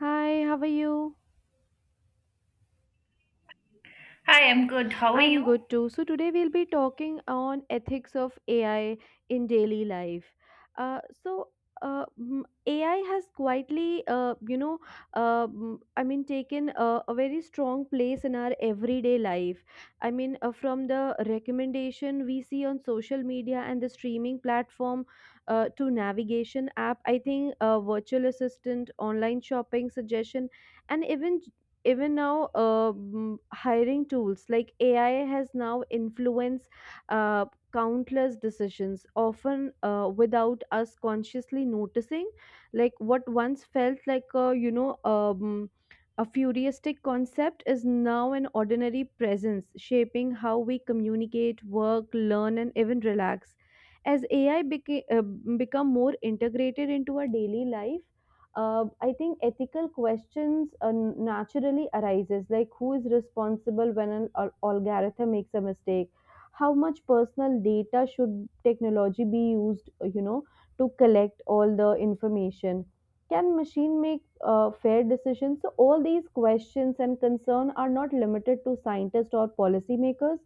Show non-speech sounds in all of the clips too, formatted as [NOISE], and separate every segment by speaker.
Speaker 1: Hi, how are you?
Speaker 2: Hi, I'm good. How are
Speaker 1: I'm
Speaker 2: you?
Speaker 1: good too. So today we'll be talking on ethics of AI in daily life. Uh, so AI has quietly, I mean, taken a very strong place in our everyday life. I mean, from the recommendation we see on social media and the streaming platform, to navigation app, I think virtual assistant, online shopping suggestion, and even now, hiring tools like ai has now influenced uh, countless decisions, often without us consciously noticing, like what once felt like a, you know a futuristic concept is now an ordinary presence shaping how we communicate, work, learn, and even relax. As ai become more integrated into our daily life, I think ethical questions naturally arises, like who is responsible when an algorithm makes a mistake? How much personal data should technology be used to collect all the information? Can machine make fair decisions? So all these questions and concern are not limited to scientists or policymakers,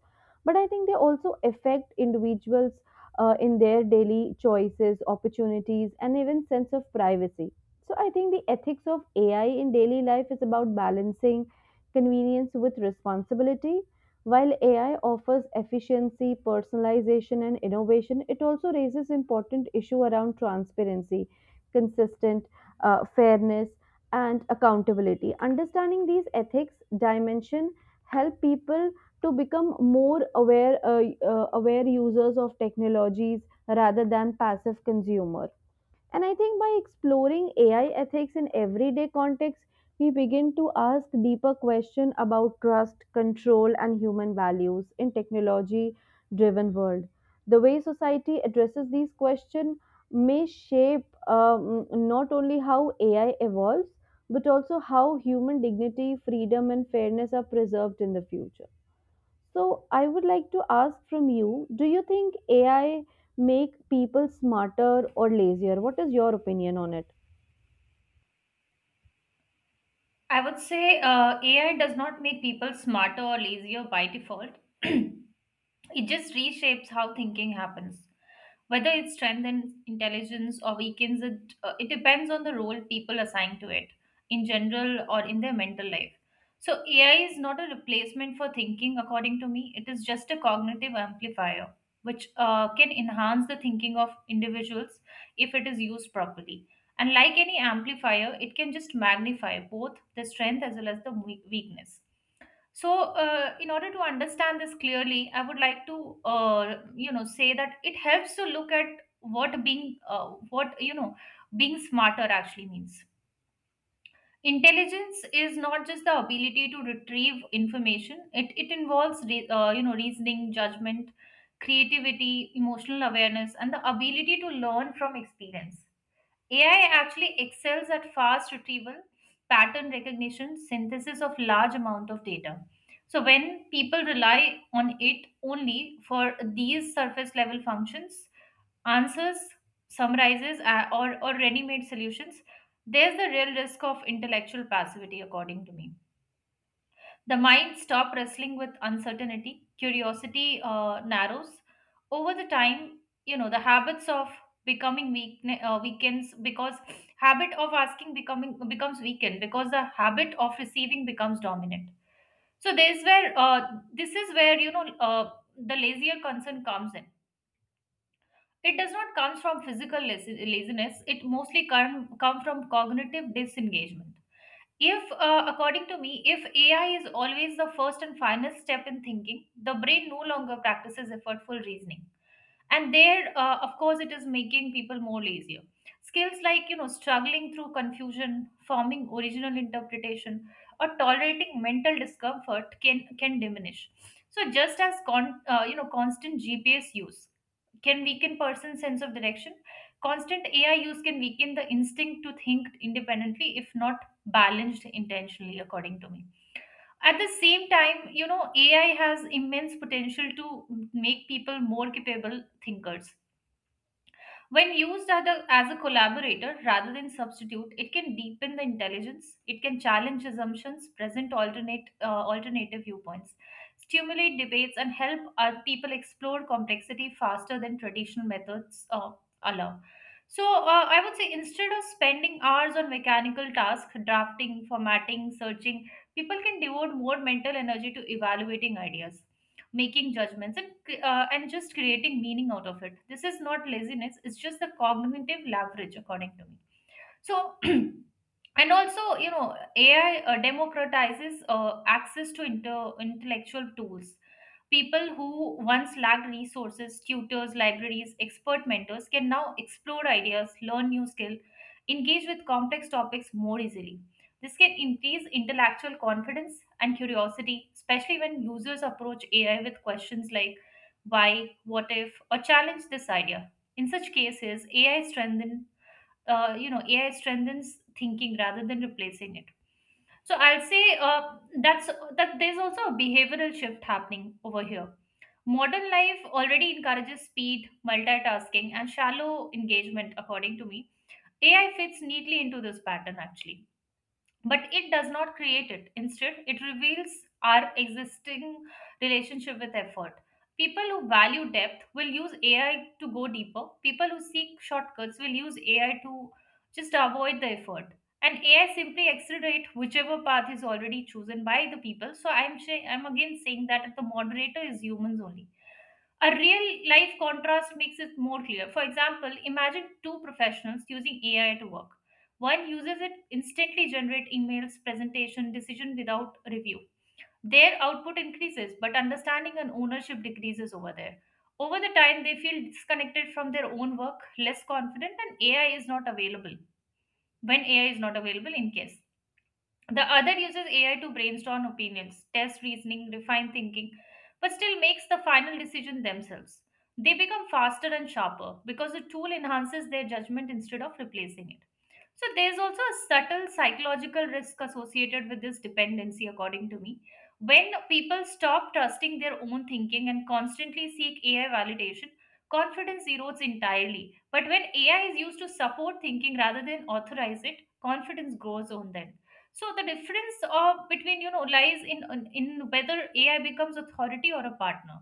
Speaker 1: but I think they also affect individuals in their daily choices, opportunities, and even sense of privacy. So I think the ethics of AI in daily life is about balancing convenience with responsibility. While AI offers efficiency, personalization, and innovation, it also raises important issue around transparency, consistent, fairness, and accountability. Understanding these ethics dimension help people to become more aware users of technologies rather than passive consumer, and I think by exploring AI ethics in everyday contexts, we begin to ask deeper questions about trust, control, and human values in technology driven world. The way society addresses these questions may shape, not only how AI evolves, but also how human dignity, freedom, and fairness are preserved in the future. So, I would like to ask from you, do you think AI make people smarter or lazier? What is your opinion on it?
Speaker 2: I would say AI does not make people smarter or lazier by default. [CLEARS THROAT] It just reshapes how thinking happens. Whether it strengthens intelligence or weakens it, it depends on the role people assign to it in general or in their mental life. So, AI is not a replacement for thinking, according to me. It is just a cognitive amplifier, which can enhance the thinking of individuals if it is used properly. And like any amplifier, it can just magnify both the strength as well as the weakness. So, in order to understand this clearly, I would like to, say that it helps to look at what being smarter actually means. Intelligence is not just the ability to retrieve information. It involves, reasoning, judgment, creativity, emotional awareness, and the ability to learn from experience. AI actually excels at fast retrieval, pattern recognition, synthesis of large amount of data. So when people rely on it only for these surface level functions, answers, summarizes, or ready-made solutions, there's the real risk of intellectual passivity, according to me. The mind stops wrestling with uncertainty. Curiosity narrows. Over the time, the habits of becoming weak weakens because habit of asking becoming becomes weakened because the habit of receiving becomes dominant. So there's where This is where the lazier concern comes in. It does not come from physical laziness. It mostly come from cognitive disengagement if, according to me, if AI is always the first and final step in thinking, the brain no longer practices effortful reasoning. And there, of course, it is making people more lazier. Skills like, struggling through confusion, forming original interpretation, or tolerating mental discomfort can diminish. So just as, constant GPS use can weaken person's sense of direction, constant AI use can weaken the instinct to think independently, if not balanced intentionally, according to me. At the same time, AI has immense potential to make people more capable thinkers. When used as a collaborator rather than substitute, it can deepen the intelligence, it can challenge assumptions, present alternate alternative viewpoints, stimulate debates, and help people explore complexity faster than traditional methods allow. So, I would say instead of spending hours on mechanical tasks, drafting, formatting, searching, people can devote more mental energy to evaluating ideas, making judgments, and just creating meaning out of it. This is not laziness, it's just the cognitive leverage, according to me. So [CLEARS THROAT] and also, AI democratizes access to intellectual tools. People who once lacked resources, tutors, libraries, expert mentors can now explore ideas, learn new skills, engage with complex topics more easily. This can increase intellectual confidence and curiosity, especially when users approach AI with questions like why, what if, or challenge this idea. In such cases, AI strengthens thinking rather than replacing it. So I'll say that. There's also a behavioral shift happening over here. Modern life already encourages speed, multitasking, and shallow engagement, according to me. AI fits neatly into this pattern, actually. But it does not create it. Instead, it reveals our existing relationship with effort. People who value depth will use AI to go deeper. People who seek shortcuts will use AI to just avoid the effort. And AI simply accelerate whichever path is already chosen by the people. So I'm again saying that the moderator is humans only. A real life contrast makes it more clear. For example, imagine two professionals using AI to work. One uses it instantly generate emails, presentation, decision without review. Their output increases, but understanding and ownership decreases over there. Over the time, they feel disconnected from their own work, less confident, and AI is not available. When AI is not available, in case. The other uses AI to brainstorm opinions, test reasoning, refine thinking, but still makes the final decision themselves. They become faster and sharper because the tool enhances their judgment instead of replacing it. So there's also a subtle psychological risk associated with this dependency, according to me. When people stop trusting their own thinking and constantly seek AI validation, confidence erodes entirely. But when AI is used to support thinking rather than authorize it, confidence grows on them. So the difference of between lies in whether AI becomes authority or a partner.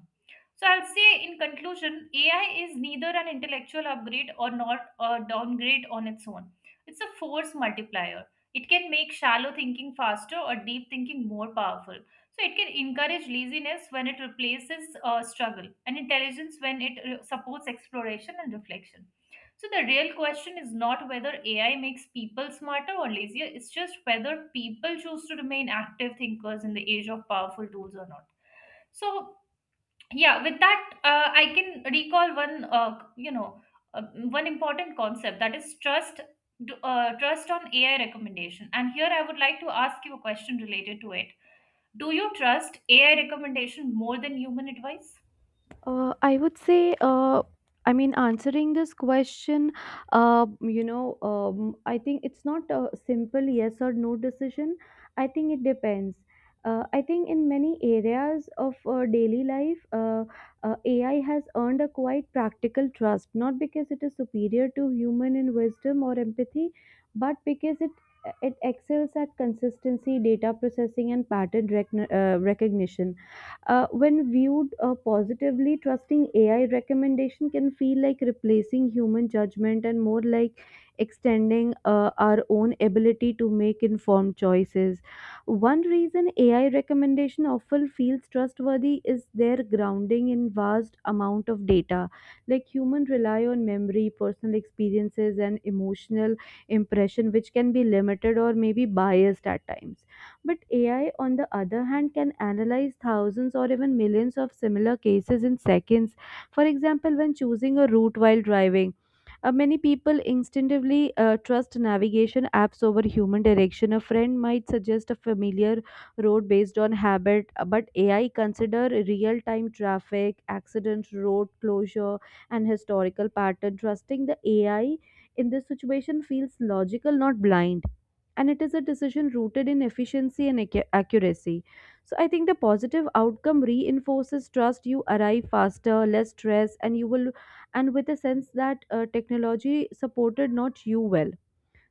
Speaker 2: So I'll say in conclusion, AI is neither an intellectual upgrade or not a downgrade on its own. It's a force multiplier. It can make shallow thinking faster or deep thinking more powerful. So it can encourage laziness when it replaces struggle and intelligence when it supports exploration and reflection. So the real question is not whether AI makes people smarter or lazier, it's just whether people choose to remain active thinkers in the age of powerful tools or not. So yeah, with that I can recall one you know uh, one important concept, that is trust. Trust on AI recommendation, and here I would like to ask you a question related to it. Do you trust AI recommendation more than human advice?
Speaker 1: I would say, I mean, answering this question, I think it's not a simple yes or no decision. I think it depends. I think in many areas of daily life, AI has earned a quite practical trust, not because it is superior to human in wisdom or empathy, but because it excels at consistency, data processing, and pattern recognition. When viewed positively, trusting AI recommendation can feel like replacing human judgment and more like extending our own ability to make informed choices. One reason AI recommendation often feels trustworthy is their grounding in vast amount of data. Like human rely on memory, personal experiences, and emotional impression, which can be limited or maybe biased at times, but AI, on the other hand, can analyze thousands or even millions of similar cases in seconds. For example, when choosing a route while driving, many people instinctively trust navigation apps over human direction. A friend might suggest a familiar road based on habit, but AI consider real-time traffic, accident, road closure, and historical pattern. Trusting the AI in this situation feels logical, not blind, and it is a decision rooted in efficiency and accuracy. So I think the positive outcome reinforces trust. You arrive faster, less stress, and you will, and with a sense that technology supported not you well.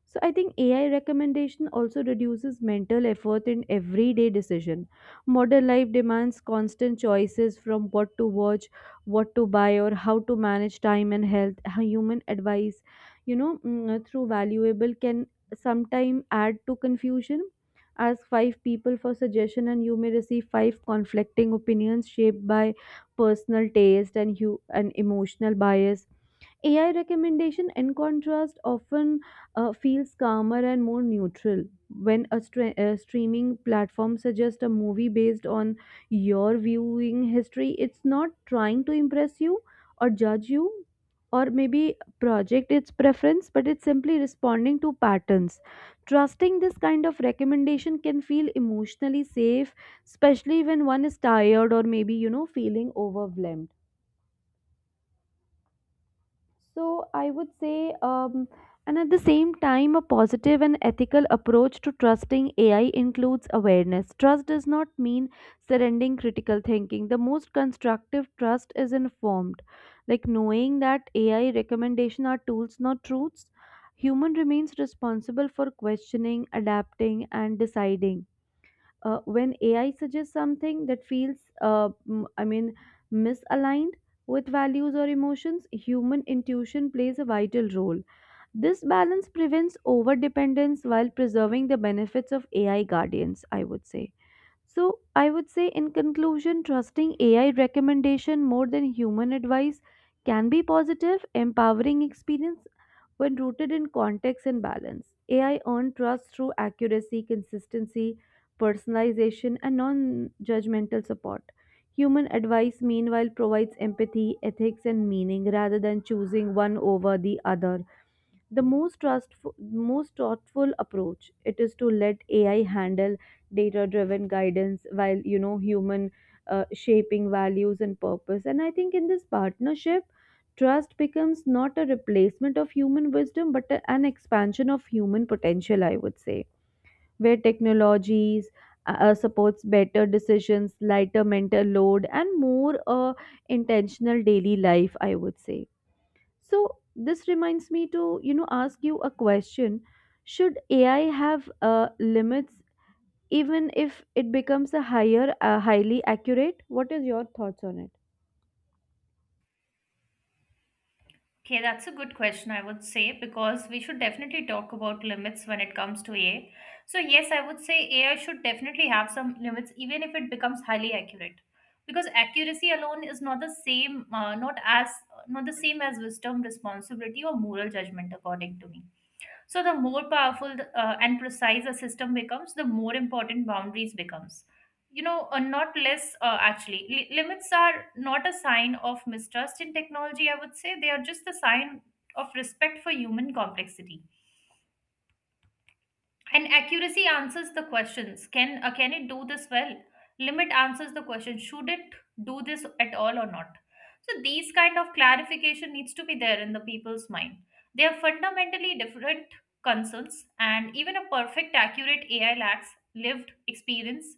Speaker 1: So I think AI recommendation also reduces mental effort in everyday decision. Modern life demands constant choices from what to watch, what to buy, or how to manage time and health. How human advice, through valuable can sometime add to confusion. Ask 5 people for suggestion, and you may receive 5 conflicting opinions shaped by personal taste and emotional bias. AI recommendation, in contrast, often feels calmer and more neutral. When a streaming platform suggests a movie based on your viewing history, it's not trying to impress you or judge you or maybe project its preference, but it's simply responding to patterns. Trusting this kind of recommendation can feel emotionally safe, especially when one is tired or maybe, feeling overwhelmed. So I would say, and at the same time, a positive and ethical approach to trusting AI includes awareness. Trust does not mean surrendering critical thinking. The most constructive trust is informed, like knowing that AI recommendations are tools, not truths. Human remains responsible for questioning, adapting, and deciding, when AI suggests something that feels, I mean, misaligned with values or emotions, human intuition plays a vital role. This balance prevents overdependence while preserving the benefits of AI guardians, I would say. So, I would say in conclusion, trusting AI recommendation more than human advice can be positive, empowering experience when rooted in context and balance. AI earned trust through accuracy, consistency, personalization, and non judgmental support. Human advice, meanwhile, provides empathy, ethics, and meaning rather than choosing one over the other. The most trustful, most thoughtful approach it is to let AI handle data-driven guidance while you know human shaping values and purpose. And I think in this partnership, trust becomes not a replacement of human wisdom, but an expansion of human potential. I would say, where technologies supports better decisions, lighter mental load, and more intentional daily life. I would say. So this reminds me to, ask you a question. Should AI have limits even if it becomes highly accurate? What is your thoughts on it?
Speaker 2: Okay, that's a good question, I would say, because we should definitely talk about limits when it comes to AI. So, yes, I would say AI should definitely have some limits, even if it becomes highly accurate. Because accuracy alone is not as, not the same as wisdom, responsibility, or moral judgment, according to me. So the more powerful and precise a system becomes, the more important boundaries becomes, not less actually. Limits are not a sign of mistrust in technology, I would say. They are just a sign of respect for human complexity. And accuracy answers the questions. Can it do this well? Limit answers the question. Should it do this at all or not? So these kind of clarification needs to be there in the people's mind. They are fundamentally different concerns, and even a perfect, accurate AI lacks lived experience,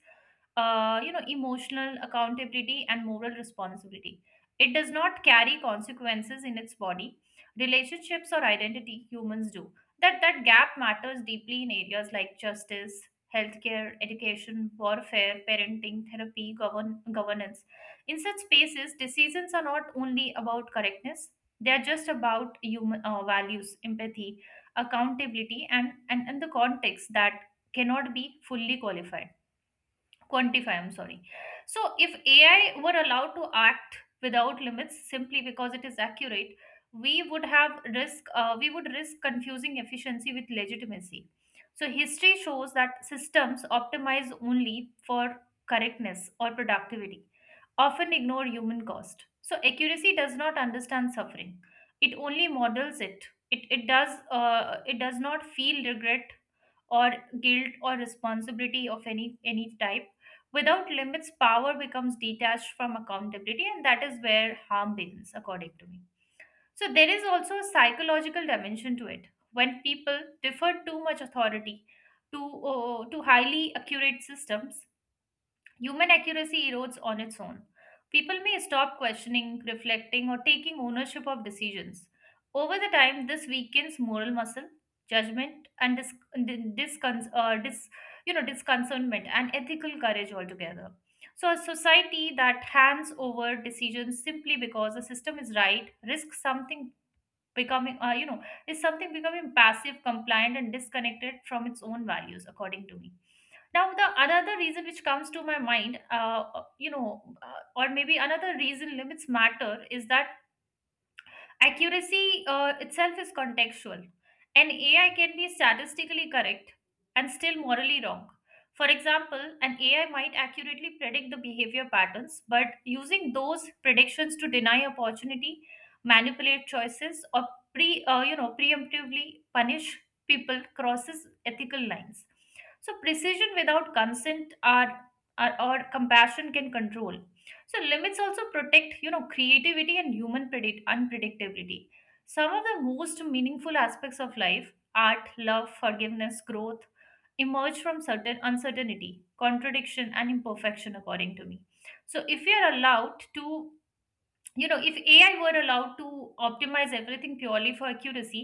Speaker 2: emotional accountability and moral responsibility. It does not carry consequences in its body, relationships or identity. Humans do. That gap matters deeply in areas like justice, healthcare, education, warfare, parenting, therapy, governance. In such spaces, decisions are not only about correctness; they are just about human values, empathy, accountability, and the context that cannot be fully qualified, quantify, I'm sorry. So if AI were allowed to act without limits simply because it is accurate, we would have risk we would risk confusing efficiency with legitimacy. So history shows that systems optimize only for correctness or productivity often ignore human cost. So accuracy does not understand suffering, it only models it. It does not feel regret or guilt or responsibility of any type. Without limits, power becomes detached from accountability, and that is where harm begins, according to me. So, there is also a psychological dimension to it. When people defer too much authority to highly accurate systems, human accuracy erodes on its own. People may stop questioning, reflecting, or taking ownership of decisions. Over the time, this weakens moral muscle, judgment, and di- discon- uh, dis- disconcernment and ethical courage altogether. So, a society that hands over decisions simply because the system is right risks something becoming you know is something becoming passive, compliant and disconnected from its own values, according to me. Now the another reason which comes to my mind, or maybe another reason limits matter is that accuracy itself is contextual. An AI can be statistically correct and still morally wrong. For example, an AI might accurately predict the behavior patterns, but using those predictions to deny opportunity, manipulate choices, or preemptively punish people crosses ethical lines. So precision without consent are or compassion can control. So limits also protect, creativity and human predict unpredictability. Some of the most meaningful aspects of life, art, love, forgiveness, growth, emerge from certain uncertainty, contradiction, and imperfection, according to me. So if we are allowed to you know if AI were allowed to optimize everything purely for accuracy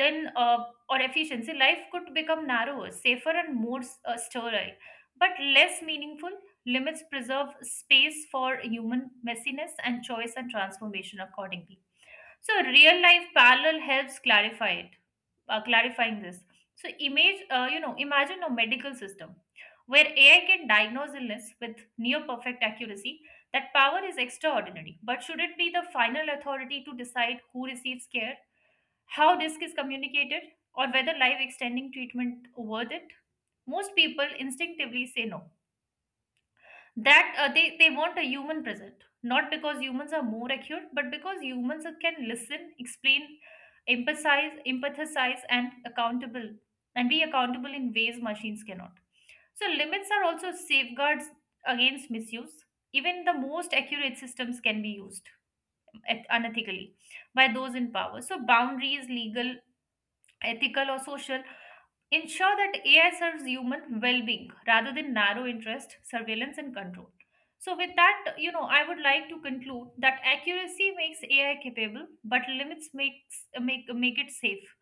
Speaker 2: then or efficiency, life could become narrower, safer and more sterile but less meaningful. Limits preserve space for human messiness and choice and transformation accordingly. So real life parallel helps clarify clarifying this. So imagine a medical system where AI can diagnose illness with near perfect accuracy. That power is extraordinary. But should it be the final authority to decide who receives care, how risk is communicated, or whether life extending treatment worth it? Most people instinctively say no that they want a human present, not because humans are more accurate but because humans can listen explain emphasize empathize and accountable and be accountable in ways machines cannot. So limits are also safeguards against misuse. Even the most accurate systems can be used unethically by those in power. So boundaries legal, ethical or social ensure that AI serves human well-being rather than narrow interest, surveillance, and control. So, with that, I would like to conclude that accuracy makes AI capable, but limits makes make it safe.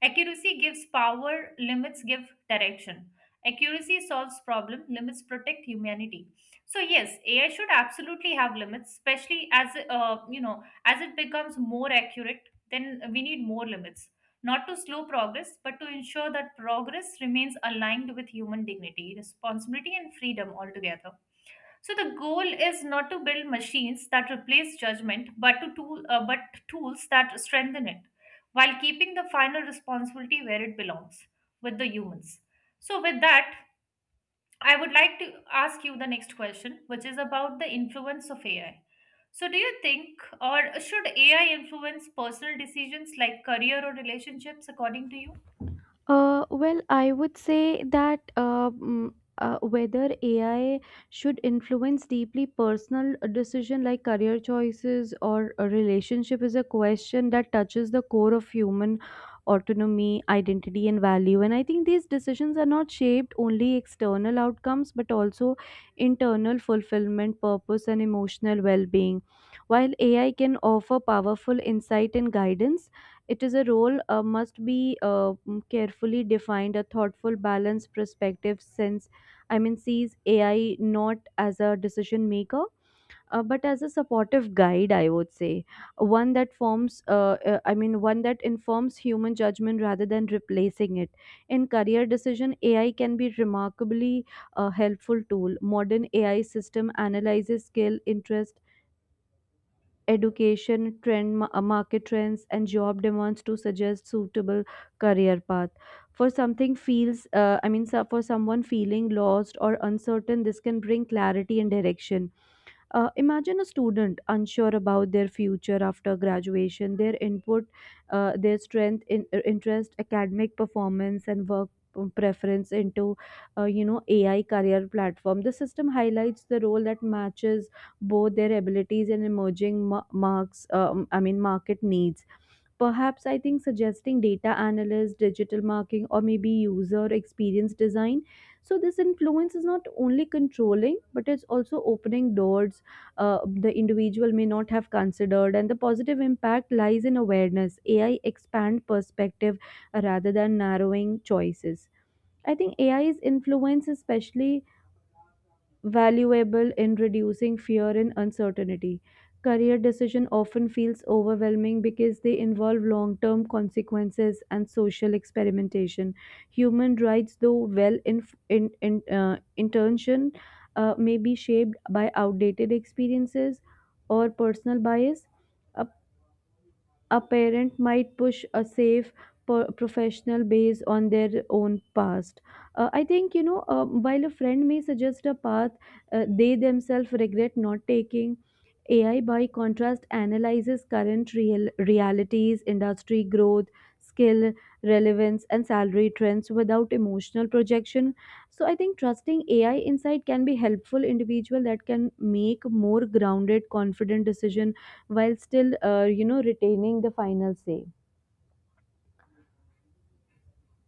Speaker 2: Accuracy gives power, limits give direction. Accuracy solves problem, limits protect humanity. So yes, AI should absolutely have limits, especially as as it becomes more accurate, then we need more limits, not to slow progress, but to ensure that progress remains aligned with human dignity, responsibility, and freedom altogether. So the goal is not to build machines that replace judgment, but to tools that strengthen it, while keeping the final responsibility where it belongs, with the humans. So with that, I would like to ask you the next question, which is about the influence of AI. So do you think, or should AI influence personal decisions like career or relationships, according to you?
Speaker 1: Well, I would say that whether AI should influence deeply personal decision like career choices or a relationship is a question that touches the core of human autonomy, identity, and value. And I think these decisions are not shaped only external outcomes but also internal fulfillment, purpose, and emotional well-being. While AI can offer powerful insight and guidance, it is a role must be carefully defined, a thoughtful, balanced perspective. Since I mean, sees AI not as a decision maker, but as a supportive guide. I would say one that informs human judgment rather than replacing it. In career decision, AI can be remarkably a helpful tool. Modern AI system analyzes skill, interest, education, trend, market trends, and job demands to suggest suitable career path. For something feels, I mean, so- for someone feeling lost or uncertain, this can bring clarity and direction. Imagine a student unsure about their future after graduation, their input, their strength, interest, academic performance, and work preference into ai career platform, the system highlights the role that matches both their abilities and emerging ma- marks I mean market needs, perhaps I think suggesting data analyst, digital marketing, or maybe user experience design. So this influence is not only controlling, but it's also opening doors the individual may not have considered, and the positive impact lies in awareness. Ai expand perspective, rather than narrowing choices. I think ai's influence, especially valuable in reducing fear and uncertainty. Career decision often feels overwhelming because they involve long-term consequences and social experimentation. Human rights, though well in intention, may be shaped by outdated experiences or personal bias. A parent might push a safe professional based on their own past. I think, while a friend may suggest a path they themselves regret not taking, AI, by contrast, analyzes current realities, industry growth, skill relevance, and salary trends without emotional projection. So, I think trusting AI insight can be helpful individual that can make more grounded, confident decision while still retaining the final say.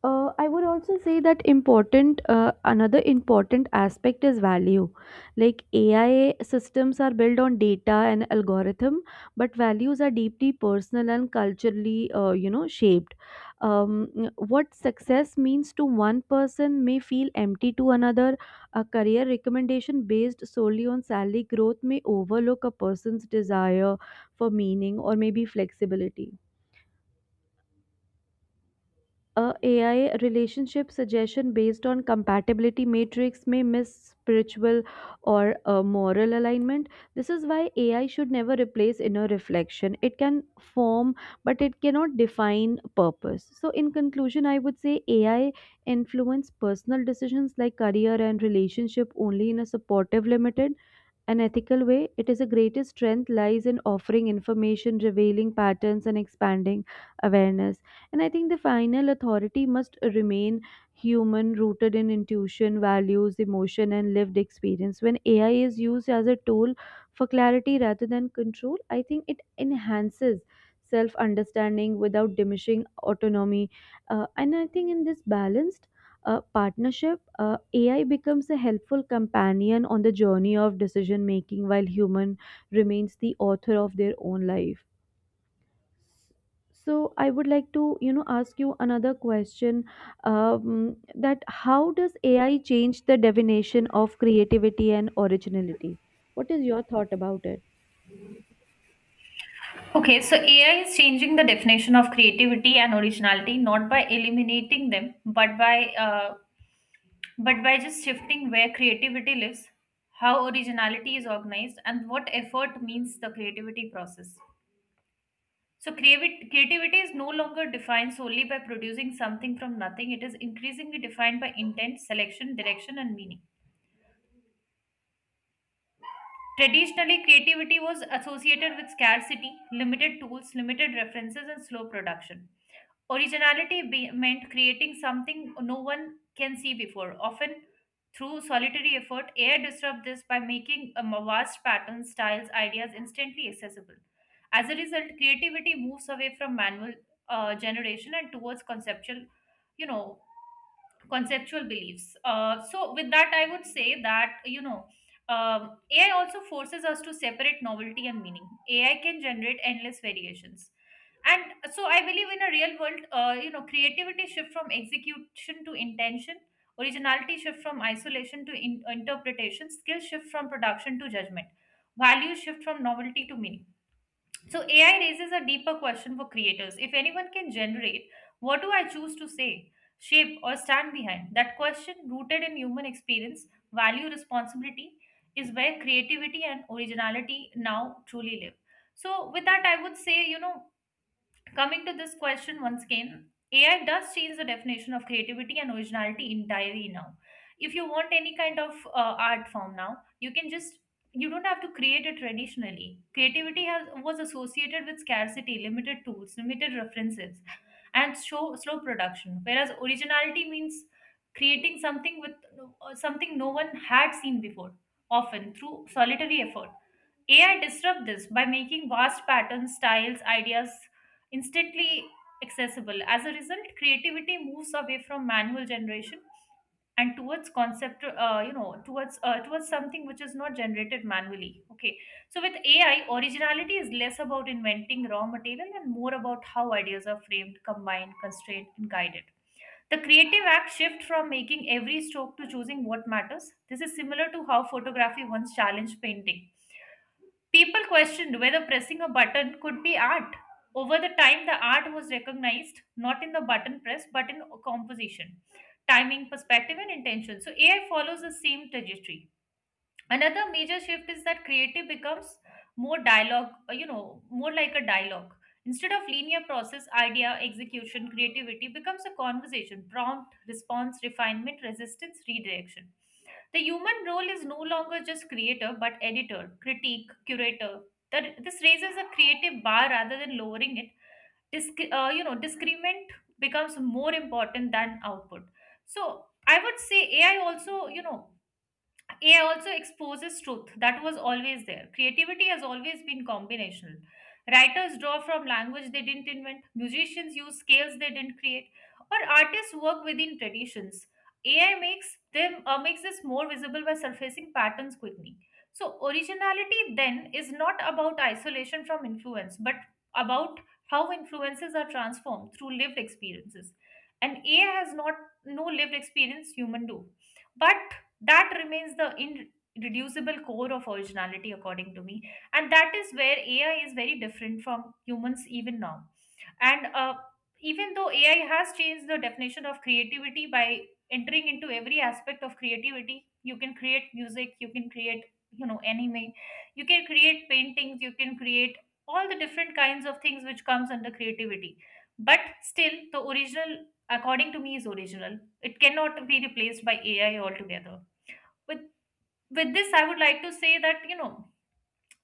Speaker 1: I would also say that important, another important aspect is value. Like ai systems are built on data and algorithm, but values are deeply personal and culturally shaped. What success means to one person may feel empty to another. A career recommendation based solely on salary growth may overlook a person's desire for meaning or maybe flexibility. A AI relationship suggestion based on compatibility matrix may miss spiritual or moral alignment. This is why AI should never replace inner reflection. It can form, but it cannot define purpose. So, in conclusion, I would say AI influence personal decisions like career and relationship only in a supportive, limited an ethical way. It is a greatest strength lies in offering information, revealing patterns, and expanding awareness. And I think the final authority must remain human, rooted in intuition, values, emotion, and lived experience. When AI is used as a tool for clarity rather than control, I think it enhances self understanding without diminishing autonomy. And I think in this balanced, partnership, AI becomes a helpful companion on the journey of decision making while human remains the author of their own life. So I would like to ask you another question, that how does AI change the definition of creativity and originality? What is your thought about it?
Speaker 2: Okay, so AI is changing the definition of creativity and originality not by eliminating them, but by just shifting where creativity lives, how originality is organized, and what effort means the creativity process. So creativity is no longer defined solely by producing something from nothing. It is increasingly defined by intent, selection, direction, and meaning. Traditionally, creativity was associated with scarcity, limited tools, limited references, and slow production. Originality meant creating something no one can see before. Often, through solitary effort, AI disrupts this by making a vast patterns, styles, ideas instantly accessible. As a result, creativity moves away from manual generation and towards you know, conceptual beliefs. So, with that, I would say that AI also forces us to separate novelty and meaning. AI can generate endless variations, and so I believe in a real world, creativity shift from execution to intention, originality shift from isolation to interpretation, skill shift from production to judgment, value shift from novelty to meaning. So AI raises a deeper question for creators. If anyone can generate, what do I choose to say, shape, or stand behind? That question, rooted in human experience, value, responsibility, is where creativity and originality now truly live. So, with that, I would say, coming to this question once again, AI does change the definition of creativity and originality entirely now. If you want any kind of art form now, you can just you don't have to create it traditionally. Creativity has was associated with scarcity, limited tools, limited references, and show, slow production. Whereas originality means creating something with something no one had seen before, often through solitary effort. AI disrupt this by making vast patterns, styles, ideas instantly accessible. As a result, creativity moves away from manual generation and towards concept you know towards towards something which is not generated manually. Okay, so with AI originality is less about inventing raw material and more about how ideas are framed combined constrained and guided. The creative act shift from making every stroke to choosing what matters. This is similar to how photography once challenged painting. People questioned whether pressing a button could be art. Over the time, the art was recognized not in the button press but in composition, timing, perspective, and intention. So AI follows the same trajectory. Another major shift is that creative becomes more like a dialogue. Instead of linear process idea execution, creativity becomes a conversation prompt response refinement resistance redirection. The human role is no longer just creator but editor critique curator. That this raises a creative bar rather than lowering it. Discrement becomes more important than output. So I would say AI also exposes truth that was always there. Creativity has always been combinational. Writers draw from language they didn't invent, musicians use scales they didn't create, or artists work within traditions. AI makes them makes this more visible by surfacing patterns quickly. So originality then is not about isolation from influence, but about how influences are transformed through lived experiences. And AI has not no lived experience human do. But that remains the irreducible core of originality according to me, and that is where AI is very different from humans even now. And even though AI has changed the definition of creativity by entering into every aspect of creativity, you can create music, you can create anime, you can create paintings, you can create all the different kinds of things which comes under creativity. But still the original, according to me, is original. It cannot be replaced by AI altogether. with with this I would like to say that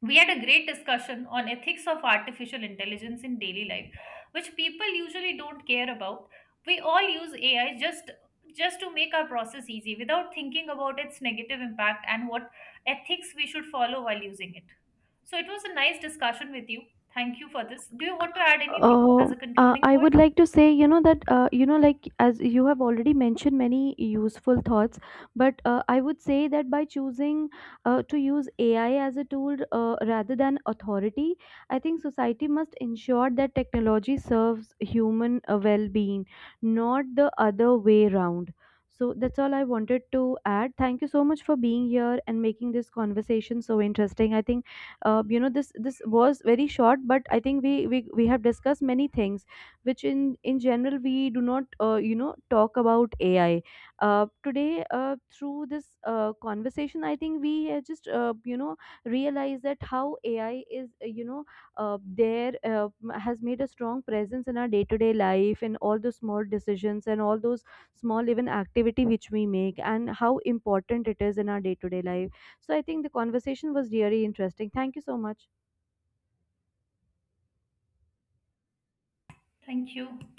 Speaker 2: we had a great discussion on ethics of artificial intelligence in daily life, which people usually don't care about. We all use AI just to make our process easy without thinking about its negative impact and what ethics we should follow while using it. So it was a nice discussion with you. Thank you for this. Do you want to add anything
Speaker 1: Uh,
Speaker 2: as a concluding
Speaker 1: I would
Speaker 2: point?
Speaker 1: like to say, that, like as you have already mentioned many useful thoughts, but I would say that by choosing to use AI as a tool rather than authority, I think society must ensure that technology serves human well being, not the other way around. So that's all I wanted to add. Thank you so much for being here and making this conversation so interesting. I think this was very short, but I think we have discussed many things which in general we do not talk about ai today through this conversation. I think we just realize that how ai is there has made a strong presence in our day to day life and all those small decisions and all those small even activity which we make and how important it is in our day to day life. So I think the conversation was really interesting. Thank you so much.
Speaker 2: Thank you.